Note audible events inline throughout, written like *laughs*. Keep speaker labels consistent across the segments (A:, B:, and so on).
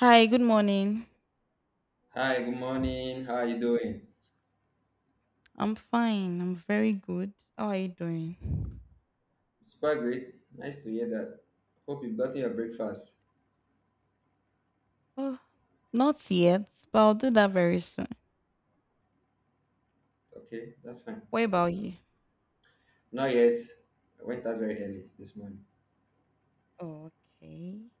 A: Hi, good morning.
B: Hi, good morning. How are you doing?
A: I'm fine. I'm very good. How are you doing?
B: Super great. Nice to hear that. Hope you've gotten your breakfast.
A: Oh, not yet, but I'll do that very soon.
B: Okay, that's fine.
A: What about you?
B: Not yet. I went out very early this morning.
A: Oh, okay.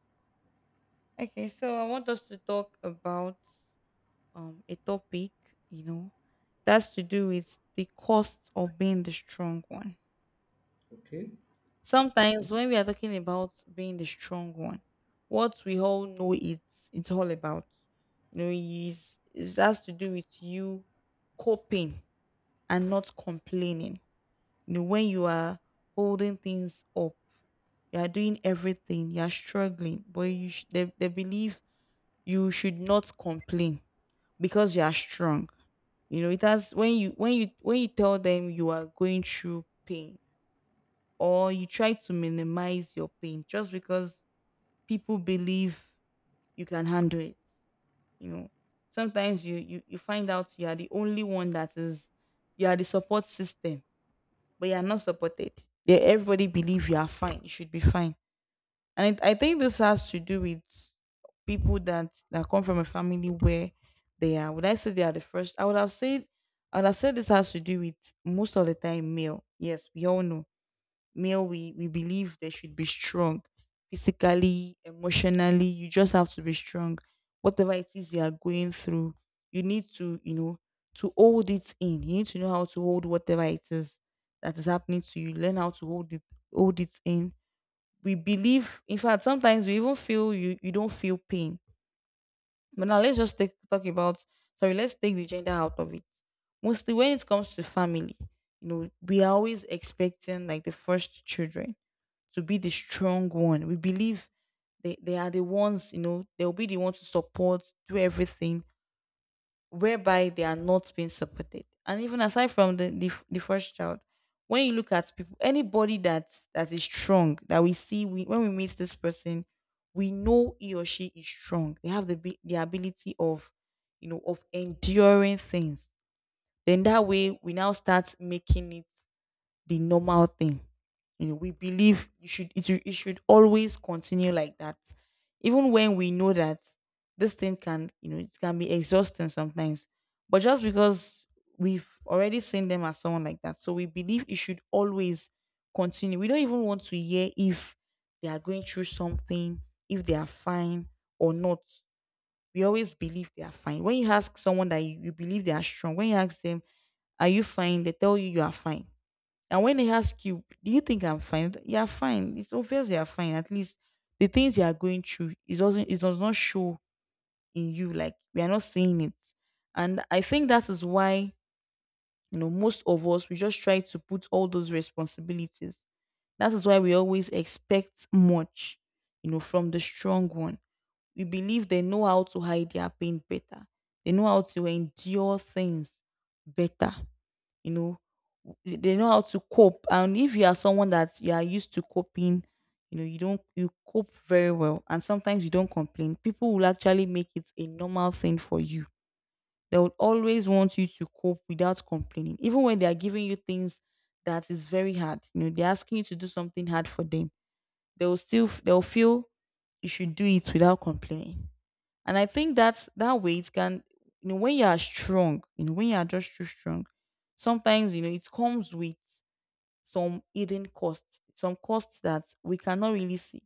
A: Okay, so I want us to talk about a topic, you know, that's to do with the cost of being the strong one.
B: Okay.
A: Sometimes when we are talking about being the strong one, what we all know it's all about. You know, is it has to do with you coping and not complaining. When you are holding things up, you are doing everything, you are struggling, but they believe you should not complain because you are strong. It has When you tell them you are going through pain, or you try to minimize your pain just because people believe you can handle it. You know, sometimes you find out you are the only one, that is you are the support system, but you're not supported. Yeah, everybody believe you are fine. You should be fine. I think this has to do with people that come from a family where they are. Would I say they are the first? I would have said. I would have said this has to do with most of the time male. Yes, we all know male we believe they should be strong, physically, emotionally. You just have to be strong. Whatever it is you are going through, you need to hold it in. You need to know how to hold whatever it is that is happening to you. Learn how to hold it, hold it in. We believe, in fact, sometimes we even feel you don't feel pain. But now let's just take, talk about sorry let's take the gender out of it. Mostly when it comes to family, we are always expecting like the first children to be the strong one. We believe they are the ones, they'll be the ones to support, do everything, whereby they are not being supported. And even aside from the first child, when you look at people, anybody that is strong, that we see, when we meet this person, we know he or she is strong. They have the ability of enduring things. Then that way we now start making it the normal thing. We believe you should it, should- it should always continue like that. Even when we know that this thing can, you know, it can be exhausting sometimes. But just because we've already seen them as someone like that, so we believe it should always continue. We don't even want to hear if they are going through something, if they are fine or not. We always believe they are fine. When you ask someone that you believe they are strong, when you ask them, are you fine? They tell you you are fine, and when they ask you, do you think I'm fine? You are fine. It's obvious you are fine. At least the things you are going through, it does not show in you. Like, we are not seeing it. And I think that is why, most of us we just try to put all those responsibilities. That is why we always expect much, from the strong one. We believe they know how to hide their pain better. They know how to endure things better. You know w- they know how to cope, and if you are someone that you are used to coping, you don't you cope very well, and sometimes you don't complain. People will actually make it a normal thing for you. They would always want you to cope without complaining, even when they are giving you things that is very hard. They're asking you to do something hard for them. They'll feel you should do it without complaining. And I think that's that weight can, when you are strong, when you are just too strong, sometimes it comes with some hidden costs, some costs that we cannot really see.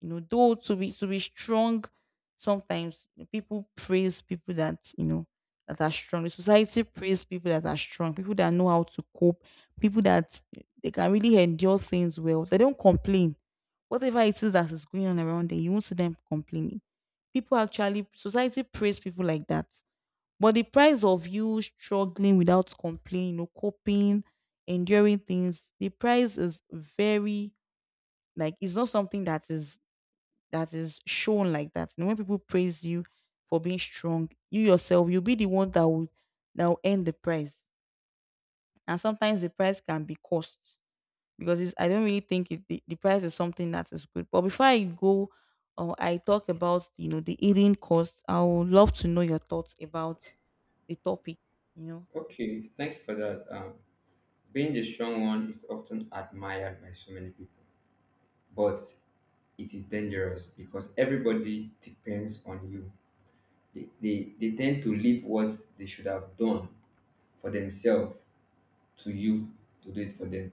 A: Though to be strong, sometimes people praise people that you know that are strong. The society praise people that are strong, people that know how to cope, people that they can really endure things well. They don't complain. Whatever it is that is going on around them, you won't see them complaining. People actually society praise people like that. But the price of you struggling without complaining, coping, enduring things, the price is very, like it's not something that is shown like that. And when people praise you for being strong, you yourself, you'll be the one that will earn the prize. And sometimes the price can be cost because I don't really think the prize is something that is good. But before I go, or I talk about the eating cost, I would love to know your thoughts about the topic. You know,
B: Okay, thank you for that. Being the strong one is often admired by so many people, but it is dangerous because everybody depends on you. They tend to leave what they should have done for themselves to you to do it for them.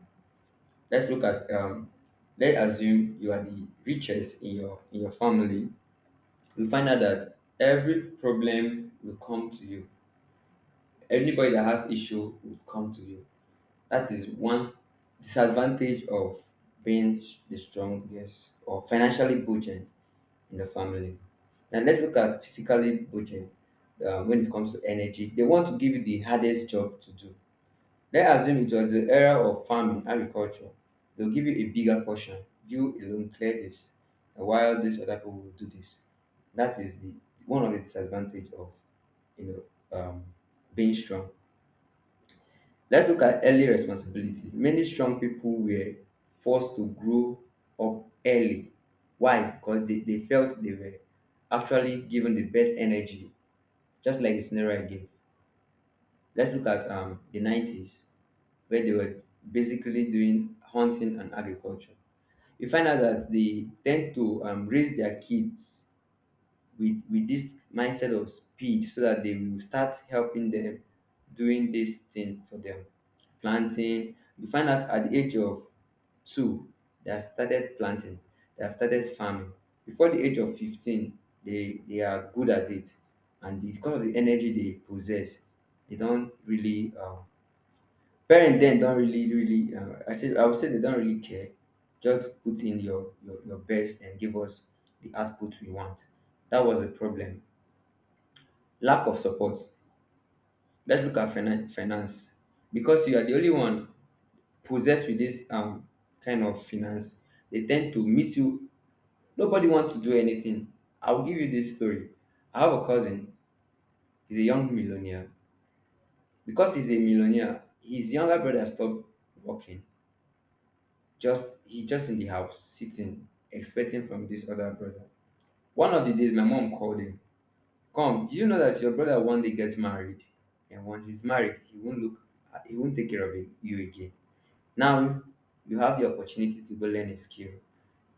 B: Let's look at let's assume you are the richest in your family. You find out that every problem will come to you. Anybody that has issue will come to you. That is one disadvantage of being the strongest or financially buoyant in the family. Now let's look at physically buoyant. When it comes to energy, they want to give you the hardest job to do. Let's assume it was the era of farming, agriculture. They'll give you a bigger portion. You alone clear this, while these other people will do this. That is the one of the disadvantage of you know um, being strong. Let's look at early responsibility. Many strong people were forced to grow up early. Why? Because they felt they were actually given the best energy, just like the scenario I gave. Let's look at the 90s, where they were basically doing hunting and agriculture. You find out that they tend to raise their kids with this mindset of speed so that they will start helping them doing this thing for them. Planting. You find out at the age of two, they have started planting, they have started farming. Before the age of 15, they are good at it. And because of the energy they possess, they don't really parent don't really I would say they don't really care, just put in your best and give us the output we want. That was the problem. Lack of support. Let's look at finance. Because you are the only one possessed with this kind of finance, they tend to meet you, nobody want to do anything. I will give you this story. I have a cousin, he's a young millionaire. Because he's a millionaire, his younger brother stopped working. Just he just in the house sitting, expecting from this other brother. One of the days my mom called him. Come, do you know that your brother one day gets married? And once he's married, he won't look, he won't take care of you again. Now you have the opportunity to go learn a skill.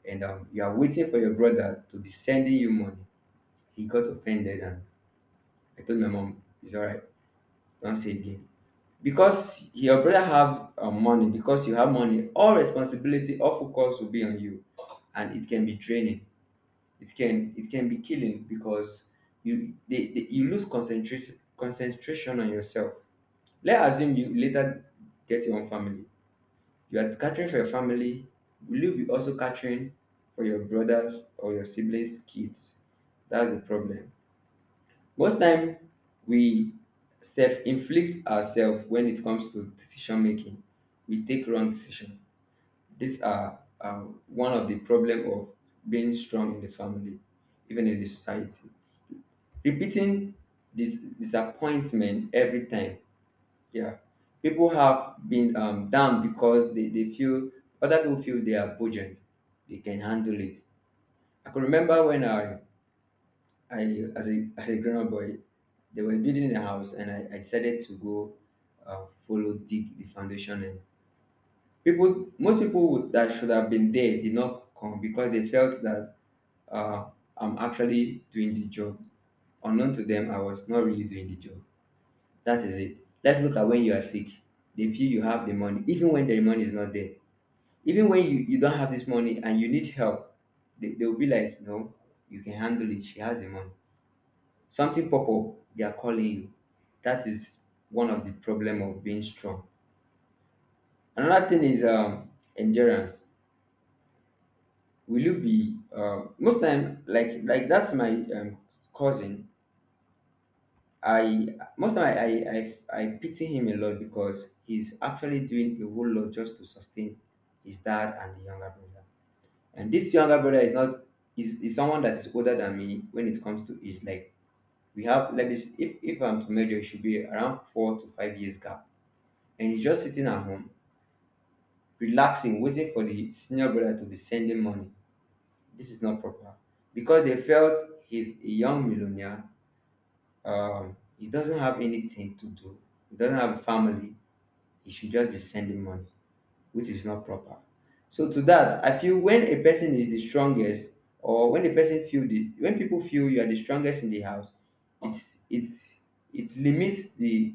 B: And you are waiting for your brother to be sending you money. He got offended and I told my mom, it's alright, don't say again. Because your brother have money, because you have money, all responsibility, all focus will be on you and it can be draining. It can, it can be killing because you lose concentration on yourself. Let's assume you later get your own family, you are catering for your family, will you be also catering for your brothers or your siblings kids? That's the problem. Most time we self-inflict ourselves when it comes to decision making. We take wrong decision. These are one of the problem of being strong in the family, even in the society. Repeating this disappointment every time. Yeah. People have been down because they feel other people feel they are buoyant. They can handle it. I can remember when I as a *laughs* as a grown up boy, they were building a house and I decided to go follow dig the foundation and people, most people would, that should have been there did not come because they felt that uh, I'm actually doing the job. Unknown to them, I was not really doing the job. That is it. Let's look at when you are sick. They feel you have the money, even when the money is not there. Even when you don't have this money and you need help, they'll be like, no, you can handle it. She has the money. Something pop up, they are calling you. That is one of the problem of being strong. Another thing is endurance. Will you be most time like that's my cousin. I Most time I pity him a lot because he's actually doing a whole lot just to sustain his dad and the younger brother. And this younger brother is not, is someone that is older than me when it comes to age. Like, we have, let me see, if I'm to measure, it should be around 4 to 5 years gap. And he's just sitting at home, relaxing, waiting for the senior brother to be sending money. This is not proper because they felt he's a young millionaire. He doesn't have anything to do. He doesn't have a family, you should just be sending money, which is not proper. So to that, I feel when a person is the strongest, or when a person feel the when people feel you are the strongest in the house, it's it's it limits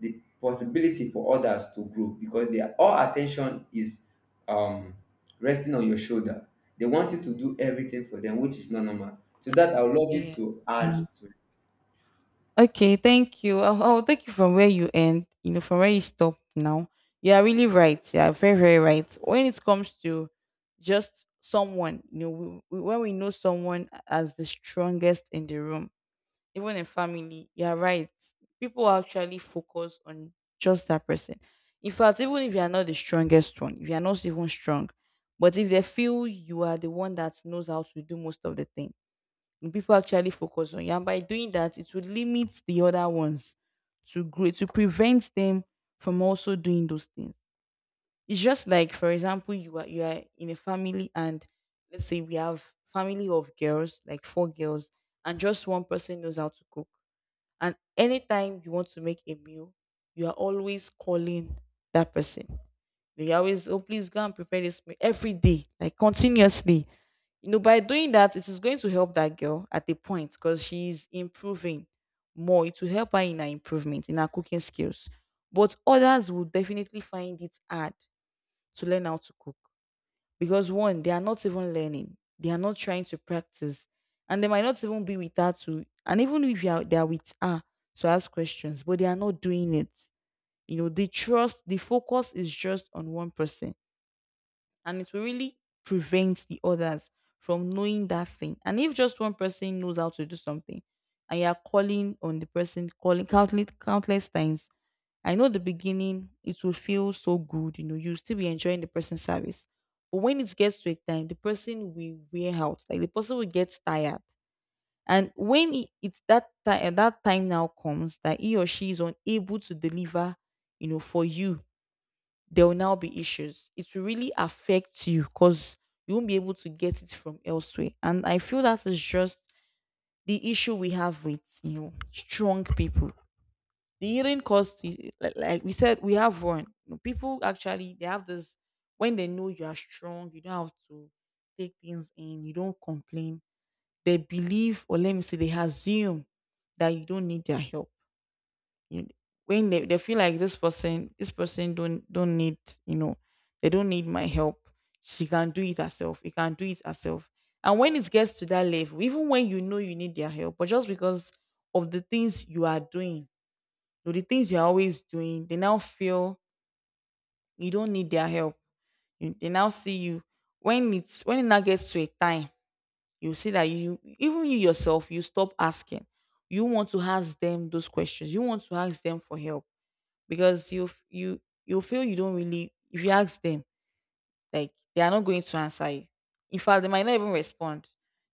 B: the possibility for others to grow because their all attention is um resting on your shoulder. They want you to do everything for them, which is not normal. To that, I would love you
A: yeah.
B: to add to.
A: Okay, thank you. I'll take you from where you end, from where you stopped now. You are really right. You are very, very right. When it comes to just someone, when we know someone as the strongest in the room, even in family, you are right. People actually focus on just that person. In fact, even if you are not the strongest one, if you are not even strong, but if they feel you are the one that knows how to do most of the things, people actually focus on you. And by doing that, it would limit the other ones to grow, to prevent them from also doing those things. It's just like, for example, you are in a family, and let's say we have family of girls, like four girls, and just one person knows how to cook. And anytime you want to make a meal, you are always calling that person. You always, oh please go and prepare this meal every day, like continuously. By doing that, it is going to help that girl at a point, because she's improving more. It will help her in her improvement in her cooking skills. But others will definitely find it hard to learn how to cook, because one, they are not even learning, they are not trying to practice. And they might not even be with her to and even if you are, they are with her to ask questions but they are not doing it. The focus is just on one person, and it will really prevent the others from knowing that thing. And if just one person knows how to do something and you're calling on the person, calling countless, countless times, I know the beginning it will feel so good. You'll still be enjoying the person's service. But when it gets to a time, the person will wear out, like the person will get tired. And when it's that time, now comes that he or she is unable to deliver, for you there will now be issues. It will really affect you because you won't be able to get it from elsewhere. And I feel that is just the issue we have with strong people. The healing cost is like we said, we have one. People actually they have this. When they know you are strong, you don't have to take things in, you don't complain. They believe, or let me say, they assume that you don't need their help you- when they feel like this person don't need, you know they don't need my help. She can do it herself, he can do it herself. And when it gets to that level, even when you know you need their help, but just because of the things you are doing or the things you're always doing, they now feel you don't need their help. They now see you when it now gets to a time, you see that you even you yourself, you stop asking. You want to ask them those questions, you want to ask them for help, because you feel you don't really, if you ask them, like, they are not going to answer you. In fact, they might not even respond.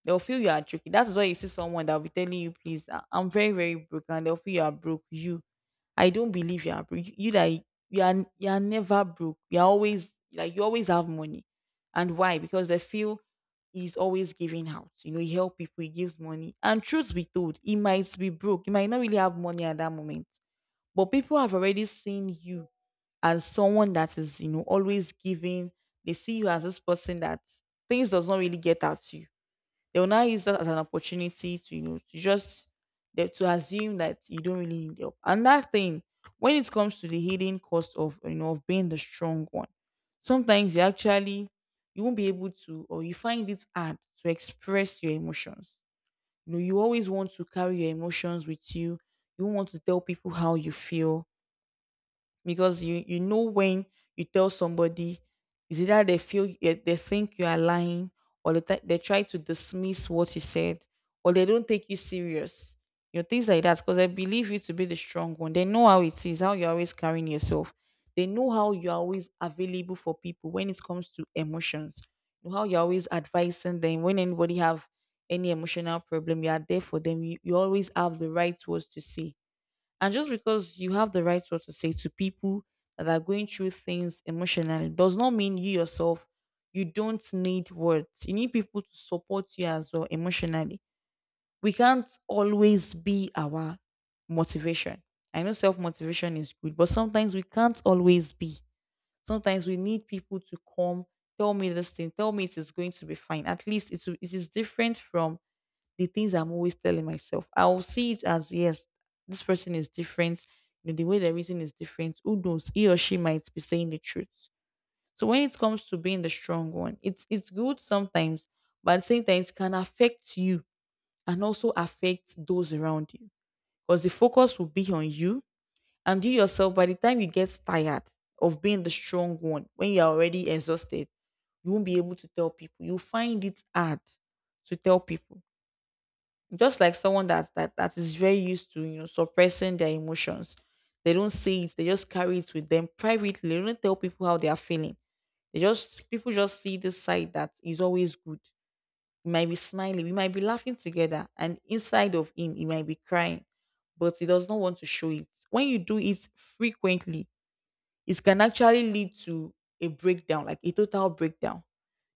A: They'll feel you are joking. That's why you see someone that'll be telling you, please, I'm very, very broke, and they'll feel you are broke. You I don't believe you are broke, you, like, you are, you are never broke, you're always like, you always have money. And why? Because they feel he's always giving out. You know, he helps people, he gives money. And truth be told, he might be broke. He might not really have money at that moment. But people have already seen you as someone that is, you know, always giving. They see you as this person that things does not really get out to you. They will now use that as an opportunity to, you know, to just to assume that you don't really need help. And that thing, when it comes to the hidden cost of, you know, of being the strong one, sometimes you actually you won't be able to, or you find it hard to express your emotions. You know, you always want to carry your emotions with you. You want to tell people how you feel, because you know, when you tell somebody, is either they feel, they think you are lying, or they try to dismiss what you said, or they don't take you serious, you know, things like that. Because they believe you to be the strong one, they know how it is, how you're always carrying yourself. They know how you're always available for people when it comes to emotions. You know how you're always advising them. When anybody have any emotional problem, you are there for them. You always have the right words to say. And just because you have the right what to say to people that are going through things emotionally does not mean you yourself, you don't need words. You need people to support you as well emotionally. We can't always be our motivation. I know self motivation is good, but sometimes we can't always be. Sometimes we need people to come, tell me this thing, tell me it is going to be fine. It is different from the things I'm always telling myself. I will see it as, yes, this person is different. You know, the way they're reason is different. Who knows? He or she might be saying the truth. So when it comes to being the strong one, it's good sometimes, but at the same time, it can affect you and also affect those around you. Because the focus will be on you, and you yourself, by the time you get tired of being the strong one, when you're already exhausted, you won't be able to tell people. You find it hard to tell people, just like someone that is very used to, you know, suppressing their emotions. They don't say it, they just carry it with them privately. They don't tell people how they are feeling. They just People just see this side that is always good. He might be smiling, we might be laughing together, and inside of him he might be crying, but he does not want to show it. When you do it frequently, it can actually lead to a breakdown, like a total breakdown.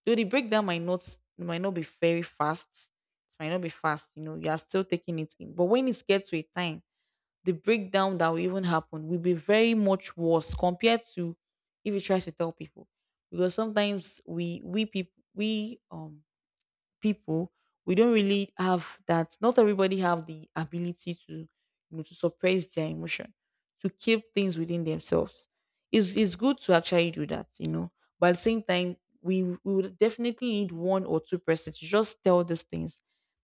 A: Though the breakdown might not be very fast, it might not be fast, you know, you are still taking it in. But when it gets to a time, the breakdown that will even happen will be very much worse compared to if you try to tell people. Because sometimes we people we people, we don't really have that. Not everybody have the ability to, you know, to suppress their emotion, to keep things within themselves. It's good to actually do that, you know. But at the same time, we would definitely need one or two persons to just tell these things.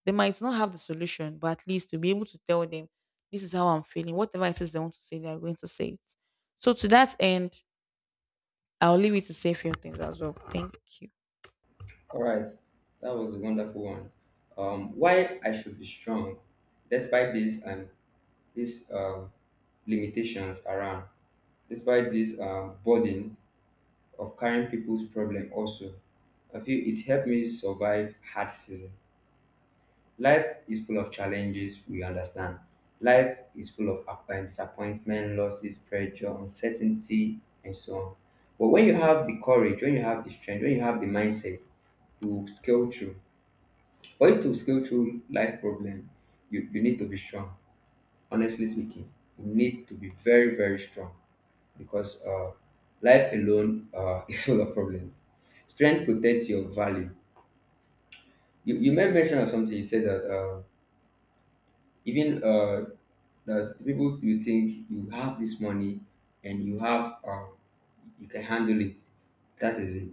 A: They might not have the solution, but at least to be able to tell them, this is how I'm feeling. Whatever it is they want to say, they are going to say it. So to that end, I'll leave you to say a few things as well. Thank you.
B: All right, that was a wonderful one. Why I should be strong, despite this and these limitations around, despite this burden of carrying people's problem. Also, I feel it helped me survive hard season. Life is full of challenges. We understand. Life is full of disappointment, losses, pressure, uncertainty, and so on. But when you have the courage, when you have the strength, when you have the mindset, you will scale through. For you to scale through life problem, you need to be strong. Honestly speaking, you need to be very, very strong because life alone *laughs* is full of problem. Strength protects your value. You made mention of something. You said that even that the people you think you have this money and you have you can handle it. That is it.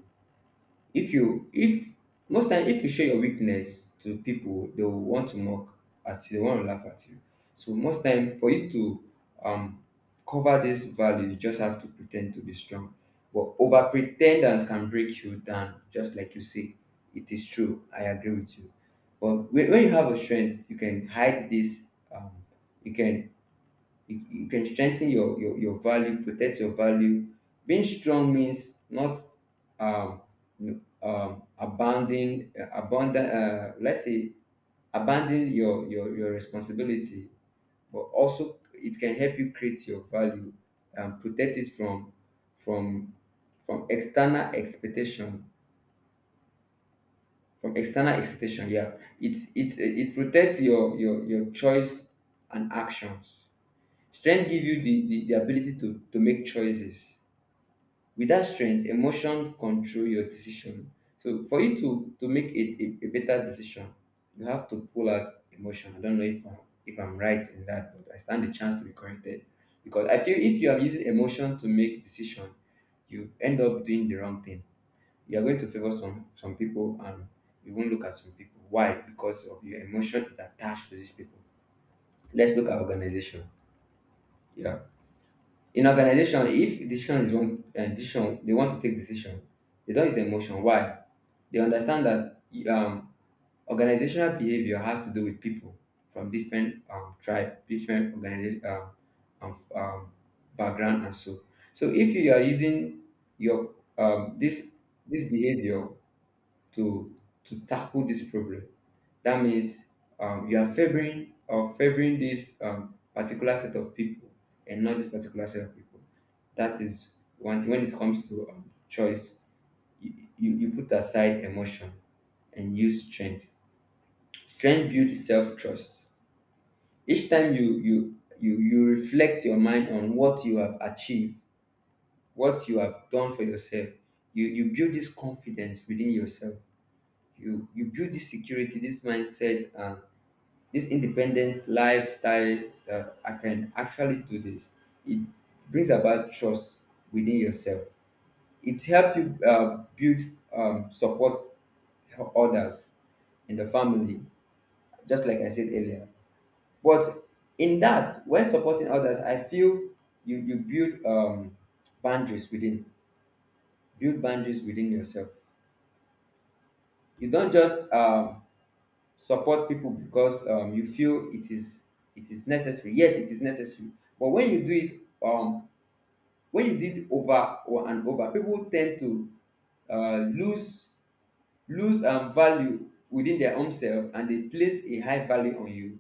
B: If you if Most time, if you show your weakness to people, they will want to mock at you, they want to laugh at you. So most time, for you to um cover this value, you just have to pretend to be strong, but over pretendance can break you down, just like you say. It is true, I agree with you. But when you have a strength, you can hide this, um you can, you can strengthen your value, protect your value. Being strong means not um abandon, abandon, let's say abandon your responsibility, but also it can help you create your value and protect it from from external expectation. From external expectation, yeah. It protects your choice and actions. Strength give you the, the ability to make choices. With that strength, emotion control your decision. So for you to make a better decision, you have to pull out emotion. I don't know if if I'm right in that, but I stand the chance to be corrected. Because I feel if you are using emotion to make decision, you end up doing the wrong thing. You are going to favor some people and you won't look at some people. Why? Because of your emotion is attached to these people. Let's look at organization. Yeah, in organization, if decision is one decision, they want to take decision. They don't use emotion. Why? They understand that um organizational behavior has to do with people from different tribe, different organization, um um background, and so. So if you are using your this behavior to to tackle this problem, that means you are favoring or favoring this particular set of people and not this particular set of people. That is one thing. When it comes to choice, you, you put aside emotion and use strength. Strength builds self trust. Each time you you reflect your mind on what you have achieved, what you have done for yourself, you build this confidence within yourself. You build this security, this mindset, this independent lifestyle that I can actually do this. It brings about trust within yourself. It helps you build support others in the family, just like I said earlier. But in that, when supporting others, I feel you build boundaries within, build boundaries within yourself. You don't just support people because you feel it is necessary. Yes, it is necessary. But when you do it um when you do it over or and over, people tend to uh, lose lose value within their own self, and they place a high value on you.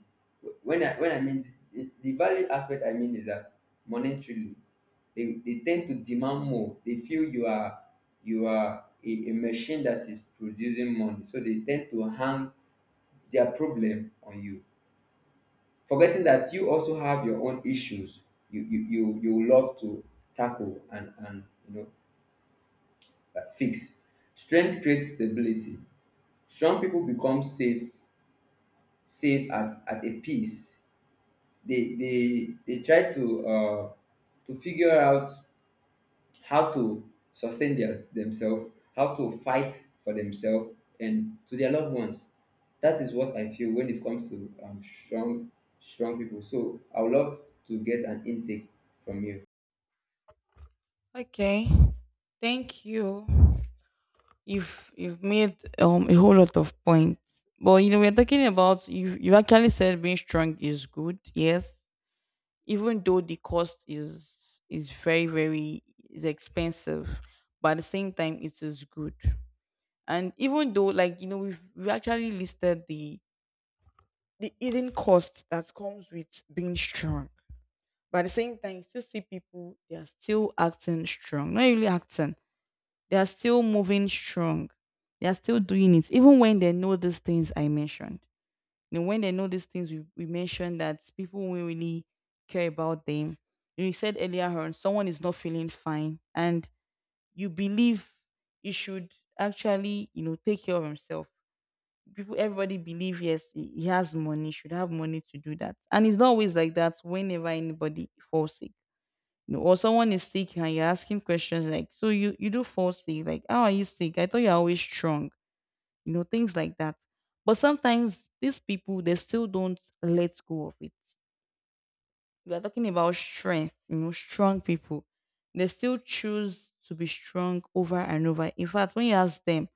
B: When I mean the value aspect, I mean is that monetarily they tend to demand more. They feel you are a machine that is producing money, so they tend to hang their problem on you, forgetting that you also have your own issues you love to tackle and you know fix. Strength creates stability. Strong people become safe at a peace. They try to figure out how to sustain themselves, how to fight for themselves and to their loved ones. That is what I feel when it comes to strong people. So I would love to get an intake from you.
A: Okay. Thank you. You've made a whole lot of points. But you know, we're talking about, you actually said being strong is good, yes. Even though the cost is very, very is expensive, but at the same time it is good. And even though, like, you know, we actually listed the hidden cost that comes with being strong. But at the same time, you still see people, they are still acting strong, not really acting. They are still moving strong. They are still doing it, even when they know these things I mentioned. You know, when they know these things we mentioned, that people will really care about them. You know, you said earlier on, someone is not feeling fine, and you believe he should actually, you know, take care of himself. People, everybody believe, yes, he has money, should have money to do that, and it's not always like that. Whenever anybody falls sick, no, or someone is sick and you're asking questions like, so you do fall sick, like, how are you sick? I thought you're always strong, you know, things like that. But sometimes these people, they still don't let go of it. We are talking about strength, you know, strong people. They still choose to be strong over and over. In fact, when you ask them,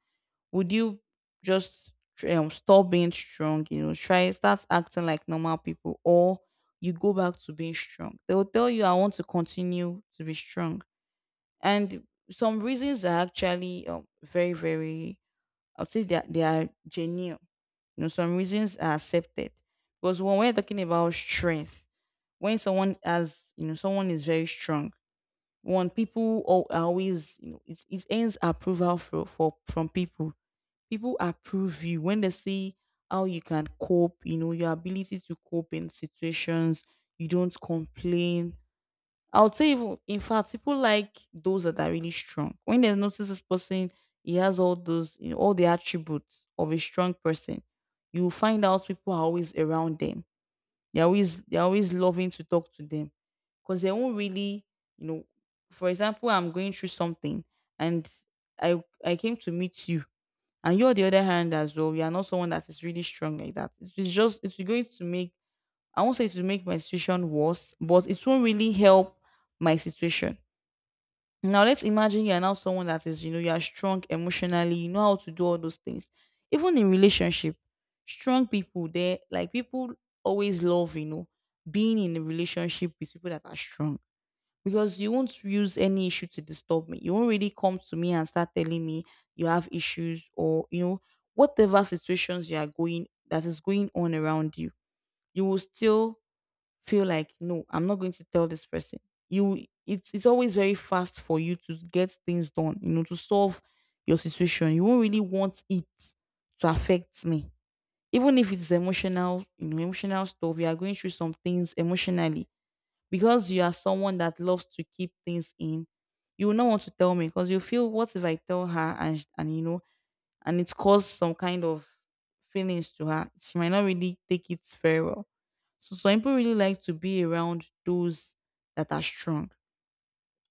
A: would you just stop being strong, you know, try start acting like normal people, or you go back to being strong? They will tell you, I want to continue to be strong, and some reasons are actually very, very, I would say, they are genuine. You know, some reasons are accepted, because when we're talking about strength, when someone has, you know, someone is very strong, one, are always, you know, it ends approval for from people. People approve you when they see how you can cope, you know, your ability to cope in situations. You don't complain. I would say, even, in fact, people like those that are really strong. When they notice this person, he has all those, you know, all the attributes of a strong person. You find out people are always around them. They're always loving to talk to them. Because they won't really, you know, for example, I'm going through something, and I came to meet you. And you're the other hand as well. You are not someone that is really strong like that. It's just, it's going to make, I won't say it will make my situation worse, but it won't really help my situation. Now let's imagine you are now someone that is, you know, you are strong emotionally, you know how to do all those things. Even in relationship, strong people, they like, people always love, you know, being in a relationship with people that are strong. Because you won't use any issue to disturb me. You won't really come to me and start telling me you have issues, or you know, whatever situations you are going that is going on around you, you will still feel like, no, I'm not going to tell this person. You It's always very fast for you to get things done, you know, to solve your situation. You won't really want it to affect me. Even if it's emotional, you know, emotional stuff, you are going through some things emotionally, because you are someone that loves to keep things in, you will not want to tell me, because you feel, what if I tell her, and, you know, and it caused some kind of feelings to her. She might not really take it very well. So some people really like to be around those that are strong.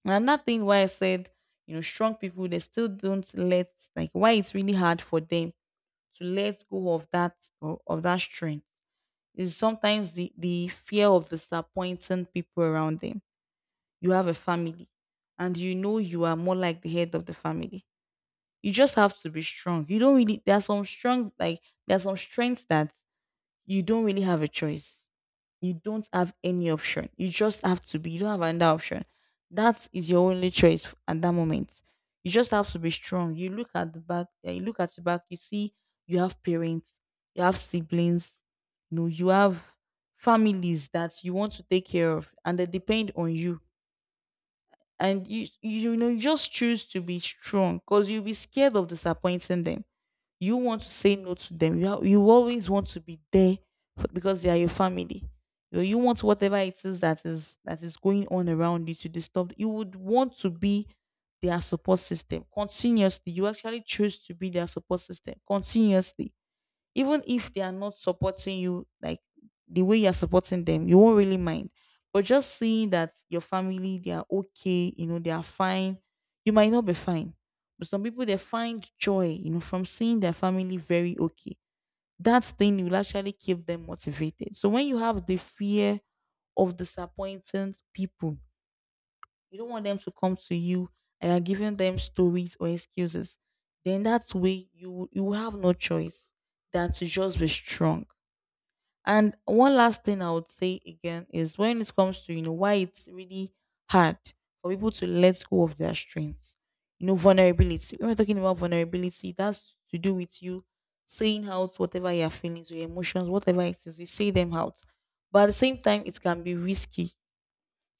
A: And another thing why I said, you know, strong people, they still don't let, like, why it's really hard for them to let go of of that strength, is sometimes the fear of disappointing people around them. You have a family, and you know you are more like the head of the family, you just have to be strong. You don't really, there are some strong, like, there are some strengths that you don't really have a choice. You don't have any option. You just have to be. You don't have another option. That is your only choice, at that moment. You just have to be strong. You look at the back, you look at the back, you see you have parents, you have siblings, you know, you have families that you want to take care of, and they depend on you. And you, you know, you just choose to be strong because you'll be scared of disappointing them. You want to say no to them, you always want to be there for, because they are your family. You want, whatever it is that is, that is going on around you to disturb, you would want to be their support system continuously. You actually choose to be their support system continuously, even if they are not supporting you like the way you're supporting them. You won't really mind. But just seeing that your family, they are okay, you know, they are fine, you might not be fine, but some people, they find joy, you know, from seeing their family very okay. That thing will actually keep them motivated. So when you have the fear of disappointing people, you don't want them to come to you and you're giving them stories or excuses. Then that way, you will have no choice than to just be strong. And one last thing I would say again is, when it comes to, you know, why it's really hard for people to let go of their strengths. You know, vulnerability. When we're talking about vulnerability, that's to do with you saying out whatever your feelings, your emotions, whatever it is, you say them out. But at the same time, it can be risky, it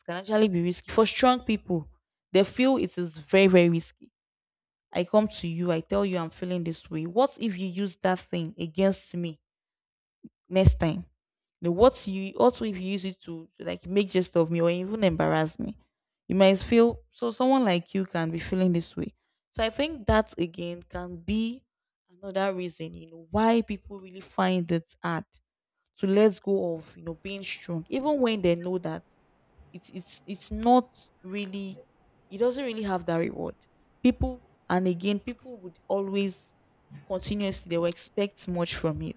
A: can actually be risky. For strong people, they feel it is very, very risky. I come to you, I tell you I'm feeling this way. What if you use that thing against me next time? Now, what you also if you use it to like make jest of me, or even embarrass me? You might feel, so someone like you can be feeling this way. So I think that again can be another reason, you know, why people really find it hard to let go of, you know, being strong, even when they know that it's not really, it doesn't really have that reward. People And again, people would always continuously, they will expect much from you,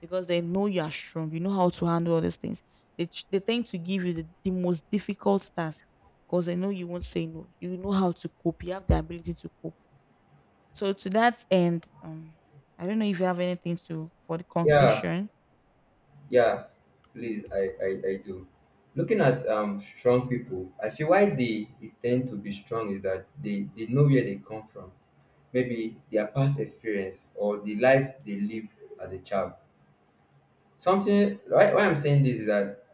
A: because they know you are strong, you know how to handle all these things. They tend to give you the most difficult task, because they know you won't say no, you know how to cope, you have the ability to cope. So to that end, I don't know if you have anything to for the
B: Yeah,
A: conclusion.
B: yeah. Please, I do. Looking at strong people, I feel why they tend to be strong is that they know where they come from. Maybe their past experience or the life they lived as a child. Something why I'm saying this is that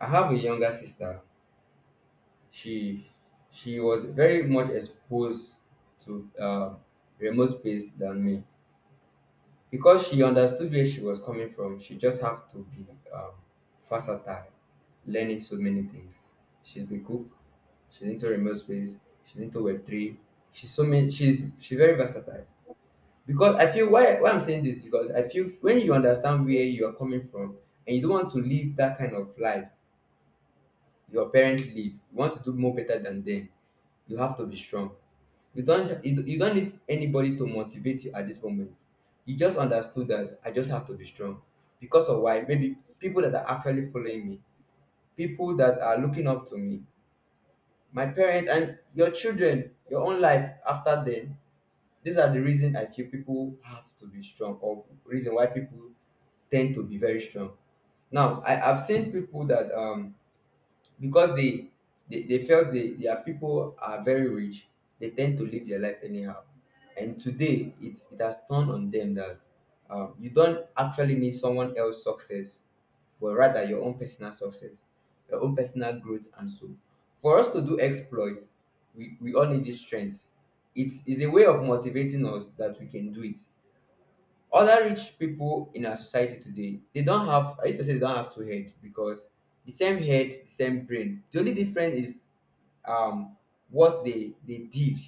B: I have a younger sister. She she was very much exposed to remote space than me because she understood where she was coming from. She just have to be um, versatile, learning so many things. She's the cook. She's into remote space. She's into Web 3. She's so many. She's very versatile. Because I feel why I'm saying this is because I feel when you understand where you are coming from and you don't want to live that kind of life your parents live. You want to do more better than them. You have to be strong. You don't need anybody to motivate you at this moment. You just understood that I just have to be strong. Because of why? Maybe people that are actually following me, people that are looking up to me, my parents and your children, your own life after then. These are the reason I feel people have to be strong, or reason why people tend to be very strong. Now, I've seen people that because they felt their people are very rich. They tend to live their life anyhow, and today it has turned on them that you don't actually need someone else's success, but rather your own personal success, your own personal growth. And so for us to do exploit, we all need this strength. It's it's a way of motivating us that we can do it. Other rich people in our society today, they don't have, I used to say they don't have two heads, because the same head, the same brain. The only difference is um, what they did,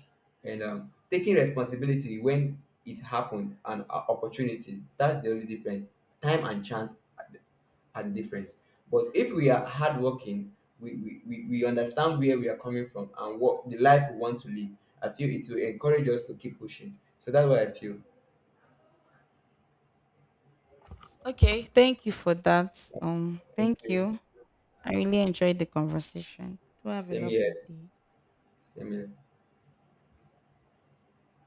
B: and taking responsibility when it happened, and opportunity. That's the only difference. Time and chance are the difference. But if we are hardworking, we understand where we are coming from and what the life we want to live. I feel it will encourage us to keep pushing. So that's what I feel.
A: Okay, thank you for that,
B: Thank
A: thank
B: you.
A: you. I really enjoyed the conversation. Do have a
B: Same
A: lovely
B: here.
A: day.
B: Semelhante.